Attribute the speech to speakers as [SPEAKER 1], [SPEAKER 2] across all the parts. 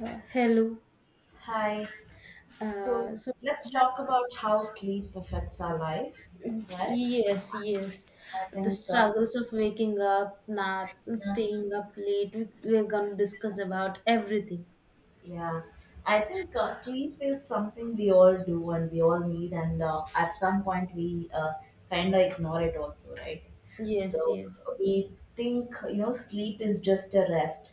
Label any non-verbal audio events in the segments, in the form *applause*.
[SPEAKER 1] Hello.
[SPEAKER 2] Hi. So
[SPEAKER 1] Uh, so,
[SPEAKER 2] let's talk about how sleep affects our life, right?
[SPEAKER 1] yes, yes.
[SPEAKER 2] I
[SPEAKER 1] The
[SPEAKER 2] think. uh,
[SPEAKER 1] struggles of waking up, naps, and
[SPEAKER 2] Yeah.
[SPEAKER 1] staying up late. We're going to discuss about everything.
[SPEAKER 2] yeah, I think, sleep is something we all do and we all need, and at some point we kind of ignore it also, right?
[SPEAKER 1] Yes,
[SPEAKER 2] So
[SPEAKER 1] yes,
[SPEAKER 2] we think, you know, sleep is just a rest.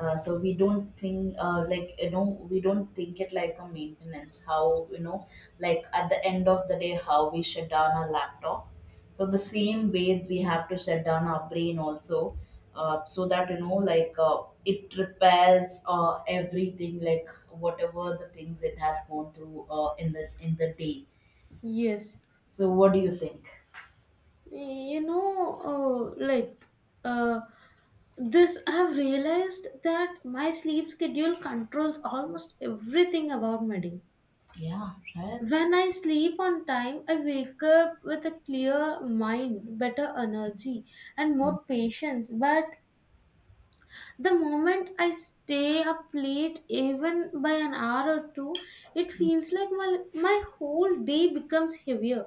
[SPEAKER 2] So we don't think, like, you know, we don't think it, like a maintenance. How, you know, like at the end of the day how we shut down our laptop, so the same way we have to shut down our brain also, so that, you know, like it repairs everything, like whatever the things it has gone through in the day.
[SPEAKER 1] yes.
[SPEAKER 2] So what do you think?
[SPEAKER 1] You know, uh, like, uh, I have realized that my sleep schedule controls almost everything about my day.
[SPEAKER 2] Yeah, right.
[SPEAKER 1] When I sleep on time, I wake up with a clear mind, better energy, and more patience. But the moment I stay up late, even by an hour or two, it feels like my whole day becomes heavier.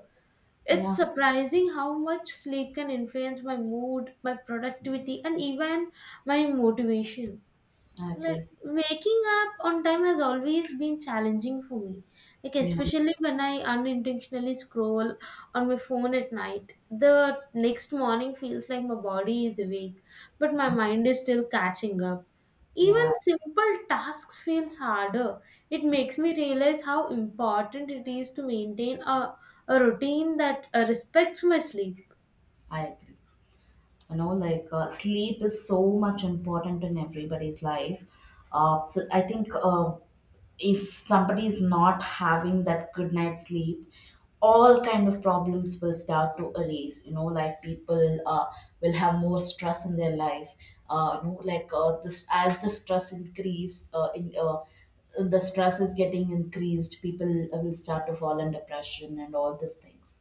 [SPEAKER 1] It's
[SPEAKER 2] Yeah,
[SPEAKER 1] surprising how much sleep can influence my mood, my productivity, and even my motivation.
[SPEAKER 2] I
[SPEAKER 1] Like
[SPEAKER 2] agree.
[SPEAKER 1] waking up on time has always been challenging for me. Like
[SPEAKER 2] Yeah,
[SPEAKER 1] especially when I unintentionally scroll on my phone at night. The next morning feels like my body is awake, but my mind is still catching up. Even
[SPEAKER 2] yeah,
[SPEAKER 1] simple tasks feels harder. It makes me realize how important it is to maintain a routine that respects my sleep.
[SPEAKER 2] I agree. You know, like, sleep is so much important in everybody's life. So I think, if somebody is not having that good night sleep, all kind of problems will start to arise. You know, like people will have more stress in their life. You know, like this, as the stress increase, in the stress is getting increased, people will start to fall in depression and all these things.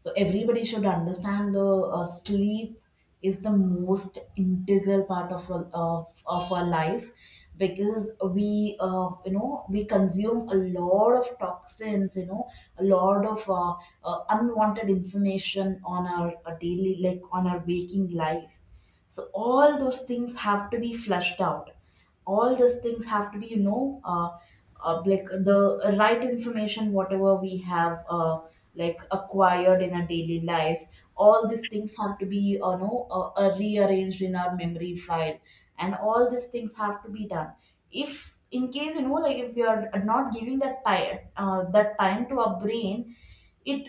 [SPEAKER 2] So everybody should understand the sleep is the most integral part of our, of our life, because we, you know, we consume a lot of toxins, you know, a lot of unwanted information on our daily, like on our waking life, so all those things have to be flushed out. All those things have to be, you know, like, the right information, whatever we have like acquired in our daily life. All these things have to be, you know, rearranged in our memory file, and all these things have to be done. If, in case, you know, like if you are not giving that time to our brain, it,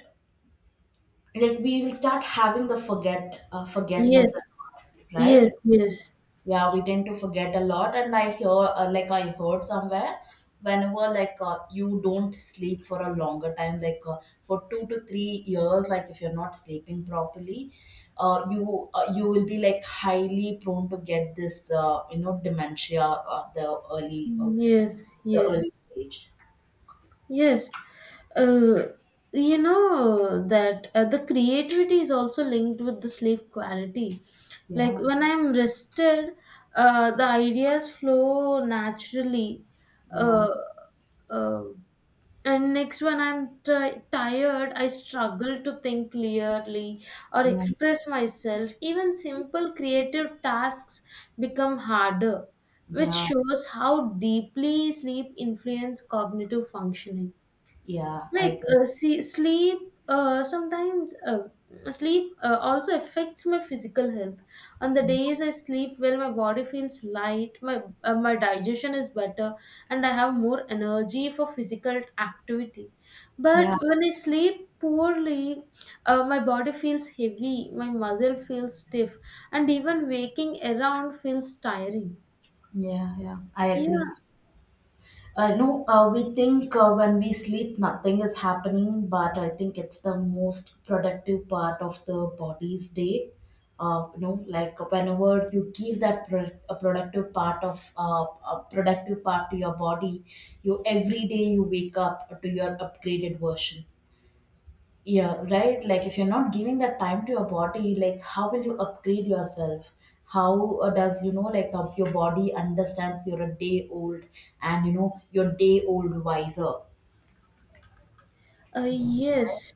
[SPEAKER 2] like, we will start having the forget, forgetness,
[SPEAKER 1] Yes,
[SPEAKER 2] right?
[SPEAKER 1] yes, yes,
[SPEAKER 2] Yeah, we tend to forget a lot. And I hear, like, I heard somewhere, whenever, like, you don't sleep for a longer time, like, for 2 to 3 years, like if you're not sleeping properly, uh, you you will be like highly prone to get this, you know, dementia, the early, uh,
[SPEAKER 1] yes,
[SPEAKER 2] the early
[SPEAKER 1] yes.
[SPEAKER 2] stage.
[SPEAKER 1] Yes, uh, you know that the creativity is also linked with the sleep quality. Like
[SPEAKER 2] Yeah,
[SPEAKER 1] when I'm rested, the ideas flow naturally.
[SPEAKER 2] yeah,
[SPEAKER 1] Uh, uh, and next, when I'm ti tired, I struggle to think clearly or
[SPEAKER 2] yeah,
[SPEAKER 1] express myself. Even simple creative tasks become harder, which
[SPEAKER 2] yeah,
[SPEAKER 1] shows how deeply sleep influences cognitive functioning.
[SPEAKER 2] yeah, I
[SPEAKER 1] Like
[SPEAKER 2] agree.
[SPEAKER 1] see, sleep sometimes sleep also affects my physical health. On the
[SPEAKER 2] Yeah,
[SPEAKER 1] days I sleep well, my body feels light, my digestion is better, and I have more energy for physical activity.
[SPEAKER 2] yeah,
[SPEAKER 1] But when I sleep poorly, my body feels heavy, my muscle feels stiff, and even waking around feels tiring.
[SPEAKER 2] yeah, yeah, I agree.
[SPEAKER 1] Yeah.
[SPEAKER 2] I know, we think when we sleep nothing is happening, but I think it's the most productive part of the body's day. You know, like whenever you give that a productive part to your body, you, every day, you wake up to your upgraded version, yeah, right. Like if you're not giving that time to your body, like how will you upgrade yourself? How does, you know, like, your body understands you're a day old, and, you know, you're day old wiser. Correct.
[SPEAKER 1] Yes,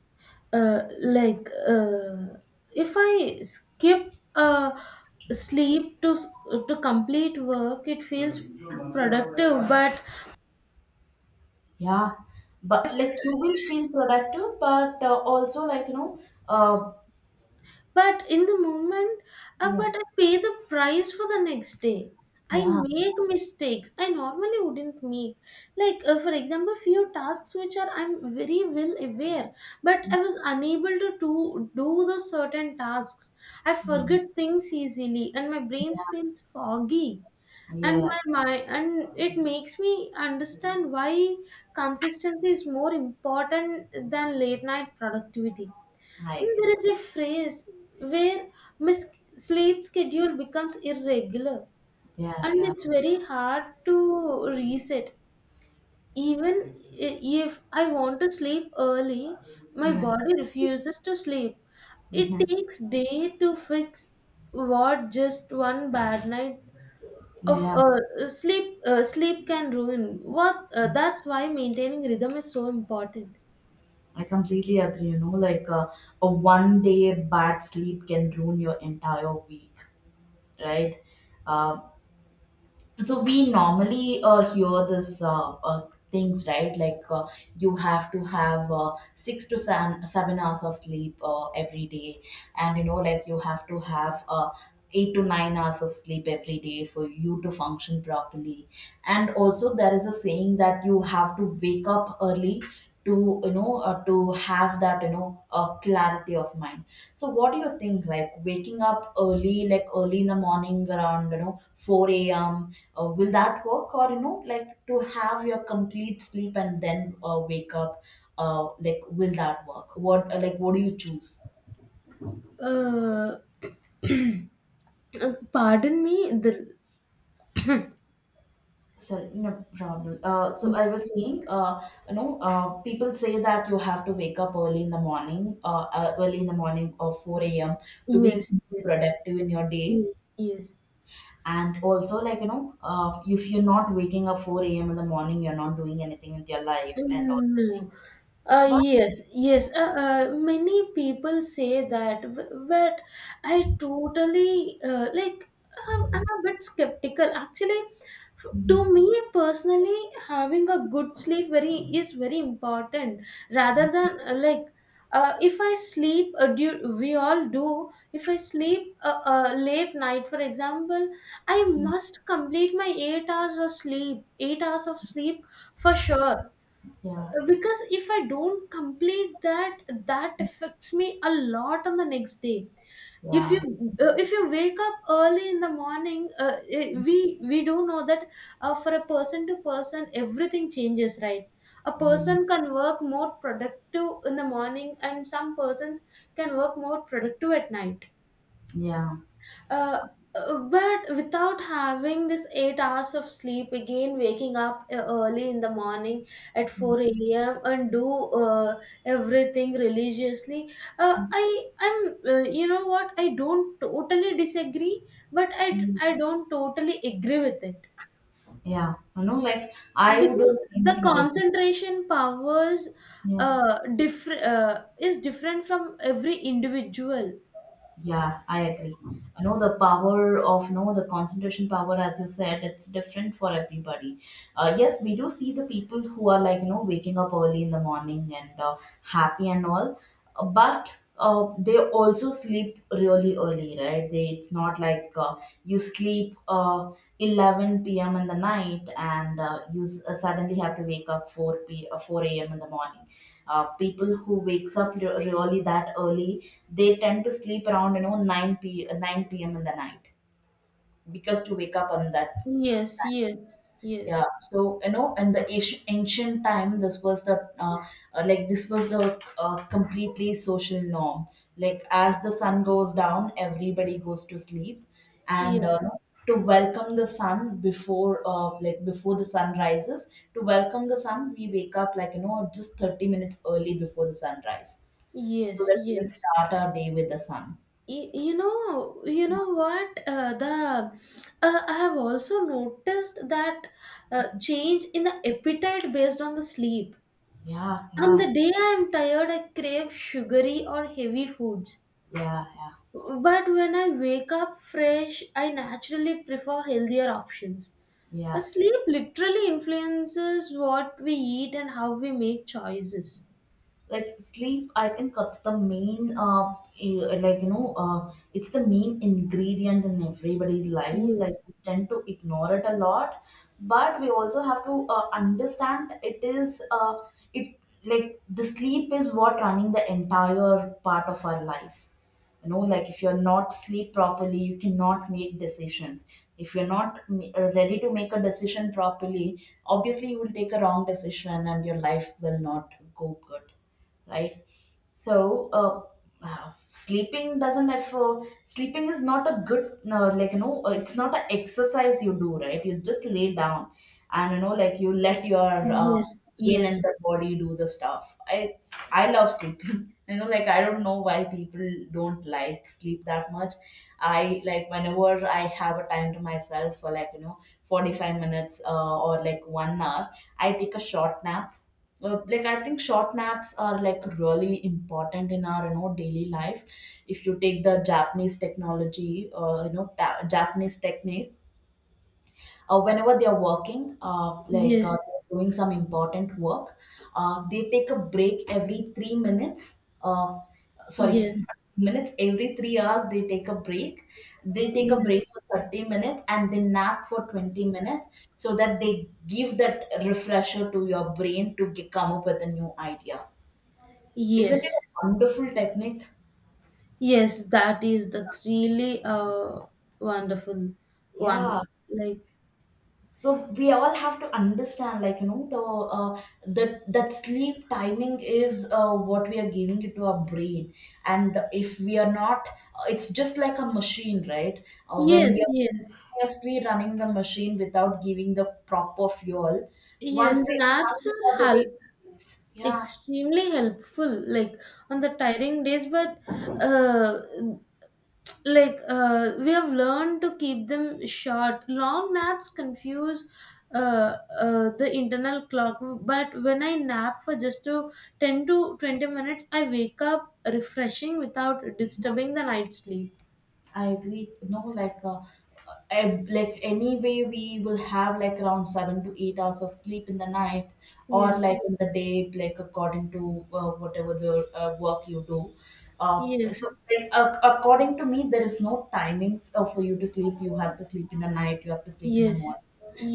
[SPEAKER 1] uh, like uh, if I skip sleep to complete work, it feels productive. But
[SPEAKER 2] Yeah, but like you will feel productive, but also, like, you know, uh,
[SPEAKER 1] but in the moment,
[SPEAKER 2] yeah,
[SPEAKER 1] but I pay the price for the next day. I
[SPEAKER 2] yeah,
[SPEAKER 1] make mistakes I normally wouldn't make. Like for example, few tasks which are I'm very well aware, but I was unable to do, do the certain tasks. I forget things easily and my brain
[SPEAKER 2] yeah,
[SPEAKER 1] feels foggy, and
[SPEAKER 2] yeah,
[SPEAKER 1] my mind. And it makes me understand why consistency is more important than late night productivity.
[SPEAKER 2] I
[SPEAKER 1] Hmm. There
[SPEAKER 2] agree.
[SPEAKER 1] is a phrase where my s- sleep schedule becomes irregular
[SPEAKER 2] Yeah,
[SPEAKER 1] and
[SPEAKER 2] yeah,
[SPEAKER 1] it's very hard to reset. Even i- if I want to sleep early, my
[SPEAKER 2] yeah,
[SPEAKER 1] body refuses to sleep. It
[SPEAKER 2] yeah,
[SPEAKER 1] takes day to fix what just one bad night of
[SPEAKER 2] yeah.
[SPEAKER 1] sleep can ruin. What That's why maintaining rhythm is so important.
[SPEAKER 2] I completely agree. You know, like, a one day bad sleep can ruin your entire week, right? Uh, so we normally hear this, things, right? Like, you have to have 6 to seven hours of sleep every day, and, you know, like, you have to have 8 to 9 hours of sleep every day for you to function properly. And also, there is a saying that you have to wake up early to, you know, to have that, you know, clarity of mind. So what do you think, like waking up early, like early in the morning around, you know, 4 a.m.? Will that work? Or, you know, like, to have your complete sleep and then wake up, like will that work? What, like, what do you choose?
[SPEAKER 1] Uh, uh, Pardon me. The
[SPEAKER 2] Sorry, no problem. So I was saying, you know, people say that you have to wake up early in the morning, early in the morning, or 4 a.m., to be
[SPEAKER 1] Yes, yes,
[SPEAKER 2] productive in your day.
[SPEAKER 1] yes, yes.
[SPEAKER 2] And also, like, you know, if you're not waking up 4 a.m. in the morning, you're not doing anything with your life, and all
[SPEAKER 1] Mm,
[SPEAKER 2] this thing.
[SPEAKER 1] no.
[SPEAKER 2] But
[SPEAKER 1] Yes, yes. Many people say that, but I totally I'm a bit skeptical. Actually, to me personally, having a good sleep very is very important. Rather than if I sleep, we all do. If I sleep late night, for example, I must complete my 8 hours of sleep. 8 hours of sleep for sure,
[SPEAKER 2] yeah,
[SPEAKER 1] because if I don't complete that, that affects me a lot on the next day. if you
[SPEAKER 2] yeah,
[SPEAKER 1] if you wake up early in the morning, we do know that for a person to person everything changes, right? A
[SPEAKER 2] yeah,
[SPEAKER 1] person can work more productive in the morning, and some persons can work more productive at night.
[SPEAKER 2] yeah.
[SPEAKER 1] uh, but without having this 8 hours of sleep, again waking up early in the morning at 4 a.m. and do everything religiously, I I'm you know what, I don't totally disagree, but i
[SPEAKER 2] Mm,
[SPEAKER 1] i don't totally agree with it
[SPEAKER 2] yeah. You know, like, I would do
[SPEAKER 1] because
[SPEAKER 2] the
[SPEAKER 1] the
[SPEAKER 2] same thing also.
[SPEAKER 1] concentration powers
[SPEAKER 2] Yeah,
[SPEAKER 1] is different from every individual.
[SPEAKER 2] yeah, I agree. You know, the power of, no, the concentration power, as you said, it's different for everybody. Yes, we do see the people who are, like, you know, waking up early in the morning and, happy and all, but, they also sleep really early, right? They, it's not like, you sleep, 11 p.m. in the night, and, suddenly have to wake up 4 p. Uh, 4 a.m. in the morning. People who wakes up really that early, they tend to sleep around, you know, 9 p. 9 p.m. in the night, because to wake up on that
[SPEAKER 1] Yes, yes,
[SPEAKER 2] time.
[SPEAKER 1] yes,
[SPEAKER 2] Yeah, so, you know, in the ancient time, this was the, like, this was the, completely social norm. Like, as the sun goes down, everybody goes to sleep, and,
[SPEAKER 1] yes.
[SPEAKER 2] to welcome the sun before, like before the sun rises. To welcome the sun, we wake up, like, you know, just 30 minutes early before the sunrise, so
[SPEAKER 1] Yes,
[SPEAKER 2] that we can
[SPEAKER 1] yes.
[SPEAKER 2] start our day with the sun.
[SPEAKER 1] You know what? The I have also noticed that change in the appetite based on the sleep.
[SPEAKER 2] Yeah,
[SPEAKER 1] On
[SPEAKER 2] yeah,
[SPEAKER 1] the day I am tired, I crave sugary or heavy foods.
[SPEAKER 2] yeah, yeah,
[SPEAKER 1] But when I wake up fresh, I naturally prefer healthier options.
[SPEAKER 2] yeah.
[SPEAKER 1] Sleep literally influences what we eat and how we make choices.
[SPEAKER 2] Like, sleep, I think, it's the main, like, you know, it's the main ingredient in everybody's life. Like,
[SPEAKER 1] Yes,
[SPEAKER 2] we tend to ignore it a lot, but we also have to understand, it is, it like, the sleep is what running the entire part of our life. You know, like, if you're not sleep properly, you cannot make decisions. If you're not ready to make a decision properly, obviously you will take a wrong decision and your life will not go good, right? So, sleeping doesn't have, sleeping is not a good, like, you know, it's not an exercise you do, right. You just lay down, and, you know, like, you let your,
[SPEAKER 1] yes,
[SPEAKER 2] brain and
[SPEAKER 1] yes,
[SPEAKER 2] the body do the stuff. I love sleeping. *laughs* You know, like, I don't know why people don't like sleep that much. I, like, whenever I have a time to myself for, like, you know, 45 minutes, or like one hour, I take a short naps, like, I think short naps are, like, really important in our, you know, daily life. If you take the Japanese technology, you know, Japanese technique, whenever they are working, like,
[SPEAKER 1] yes,
[SPEAKER 2] they're doing some important work, they take a break every 3 minutes. Uh, Sorry,
[SPEAKER 1] yes,
[SPEAKER 2] *laughs* minutes, every 3 hours they take a break. They take a
[SPEAKER 1] yes.
[SPEAKER 2] break for 30 minutes and they nap for 20 minutes, so that they give that refresher to your brain to get, come up with a new idea. Isn't it
[SPEAKER 1] Yes,
[SPEAKER 2] a wonderful technique?
[SPEAKER 1] yes, that is, that's really a wonderful one.
[SPEAKER 2] Yeah.
[SPEAKER 1] Like
[SPEAKER 2] So we all have to understand, like, you know, the, that, sleep timing is, what we are giving it to our brain, and if we are not, it's just like a machine, right? When
[SPEAKER 1] yes,
[SPEAKER 2] we are
[SPEAKER 1] yes,
[SPEAKER 2] continuously running the machine without giving the proper fuel,
[SPEAKER 1] yes.
[SPEAKER 2] one
[SPEAKER 1] Naps
[SPEAKER 2] day
[SPEAKER 1] are
[SPEAKER 2] the day
[SPEAKER 1] hel
[SPEAKER 2] it breaks. Yeah,
[SPEAKER 1] extremely helpful, like on the tiring days. But uh, we have learned to keep them short. Long naps confuse the internal clock, but when I nap for just 10 to 20 minutes, I wake up refreshing without disturbing the night sleep.
[SPEAKER 2] I agree. No, like, like, anyway, we will have, like, around 7 to 8 hours of sleep in the night, or
[SPEAKER 1] Yes,
[SPEAKER 2] like in the day, like, according to whatever the work you do. Uh, so
[SPEAKER 1] yes,
[SPEAKER 2] uh, according to me, there is no timings for you to sleep. You have to sleep in the night, you have to sleep in the
[SPEAKER 1] yes,
[SPEAKER 2] morning,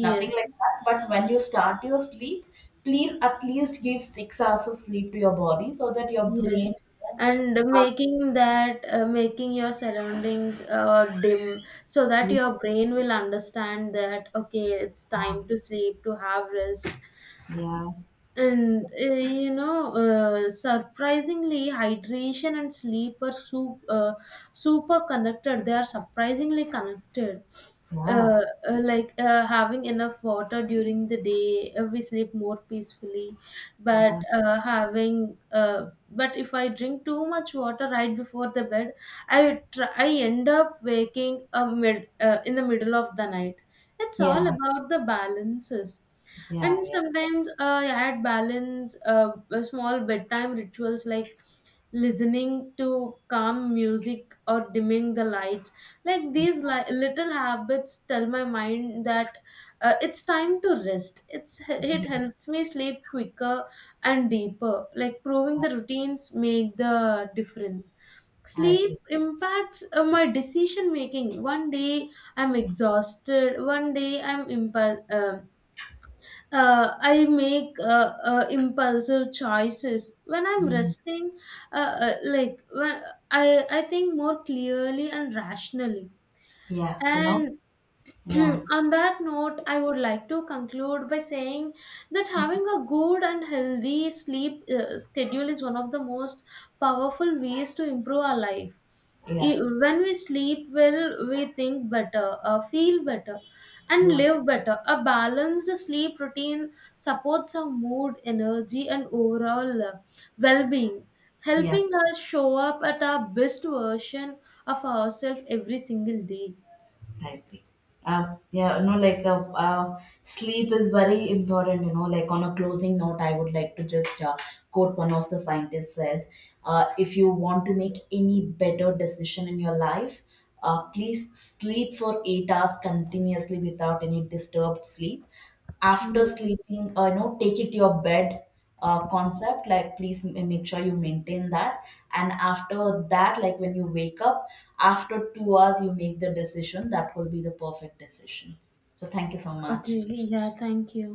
[SPEAKER 2] nothing like that. But when you start your sleep, please at least give 6 hours of sleep to your body so that your
[SPEAKER 1] yes.
[SPEAKER 2] brain, you know,
[SPEAKER 1] And
[SPEAKER 2] starts.
[SPEAKER 1] making that, making your surroundings dim, so that
[SPEAKER 2] Yeah.
[SPEAKER 1] your brain will understand that okay, it's time to sleep to have rest.
[SPEAKER 2] Yeah.
[SPEAKER 1] And you know, surprisingly, hydration and sleep are super connected. They are surprisingly connected.
[SPEAKER 2] Yeah,
[SPEAKER 1] Uh, Having enough water during the day, we sleep more peacefully. But
[SPEAKER 2] yeah,
[SPEAKER 1] but if I drink too much water right before the bed, I end up waking mid in the middle of the night. It's all
[SPEAKER 2] yeah,
[SPEAKER 1] about the balances.
[SPEAKER 2] yeah,
[SPEAKER 1] And
[SPEAKER 2] yeah,
[SPEAKER 1] sometimes I add balance, small bedtime rituals like listening to calm music or dimming the lights. Like these little habits tell my mind that it's time to rest. It helps me sleep quicker and deeper. Like proving
[SPEAKER 2] yeah,
[SPEAKER 1] the routines make the difference.
[SPEAKER 2] I
[SPEAKER 1] Sleep
[SPEAKER 2] agree.
[SPEAKER 1] impacts my decision making. One day I'm exhausted. One day I'm impul impulse, I make impulsive choices when I'm
[SPEAKER 2] Yeah,
[SPEAKER 1] resting. Like when I think more clearly and rationally.
[SPEAKER 2] yeah, you know,
[SPEAKER 1] And *clears throat*
[SPEAKER 2] yeah,
[SPEAKER 1] on that note, I would like to conclude by saying that having a good and healthy sleep schedule is one of the most powerful ways to improve our life.
[SPEAKER 2] yeah,
[SPEAKER 1] When we sleep well, we think better, feel better, and
[SPEAKER 2] yeah,
[SPEAKER 1] live better. A balanced sleep routine supports our mood, energy, and overall well being,
[SPEAKER 2] yeah,
[SPEAKER 1] helping us show up at our best version of ourselves every single day.
[SPEAKER 2] I agree. Yeah, you know, like, sleep is very important. You know, like, on a closing note, I would like to just quote one of the scientists said, "If you want to make any better decision in your life, please sleep for 8 hours continuously without any disturbed sleep. After
[SPEAKER 1] Yes.
[SPEAKER 2] sleeping, you know, take it to your bed concept, like please make sure you maintain that, and after that, like when you wake up after 2 hours, you make the decision, that will be the perfect decision." So thank you so
[SPEAKER 1] Okay.
[SPEAKER 2] much.
[SPEAKER 1] Yeah. Thank you.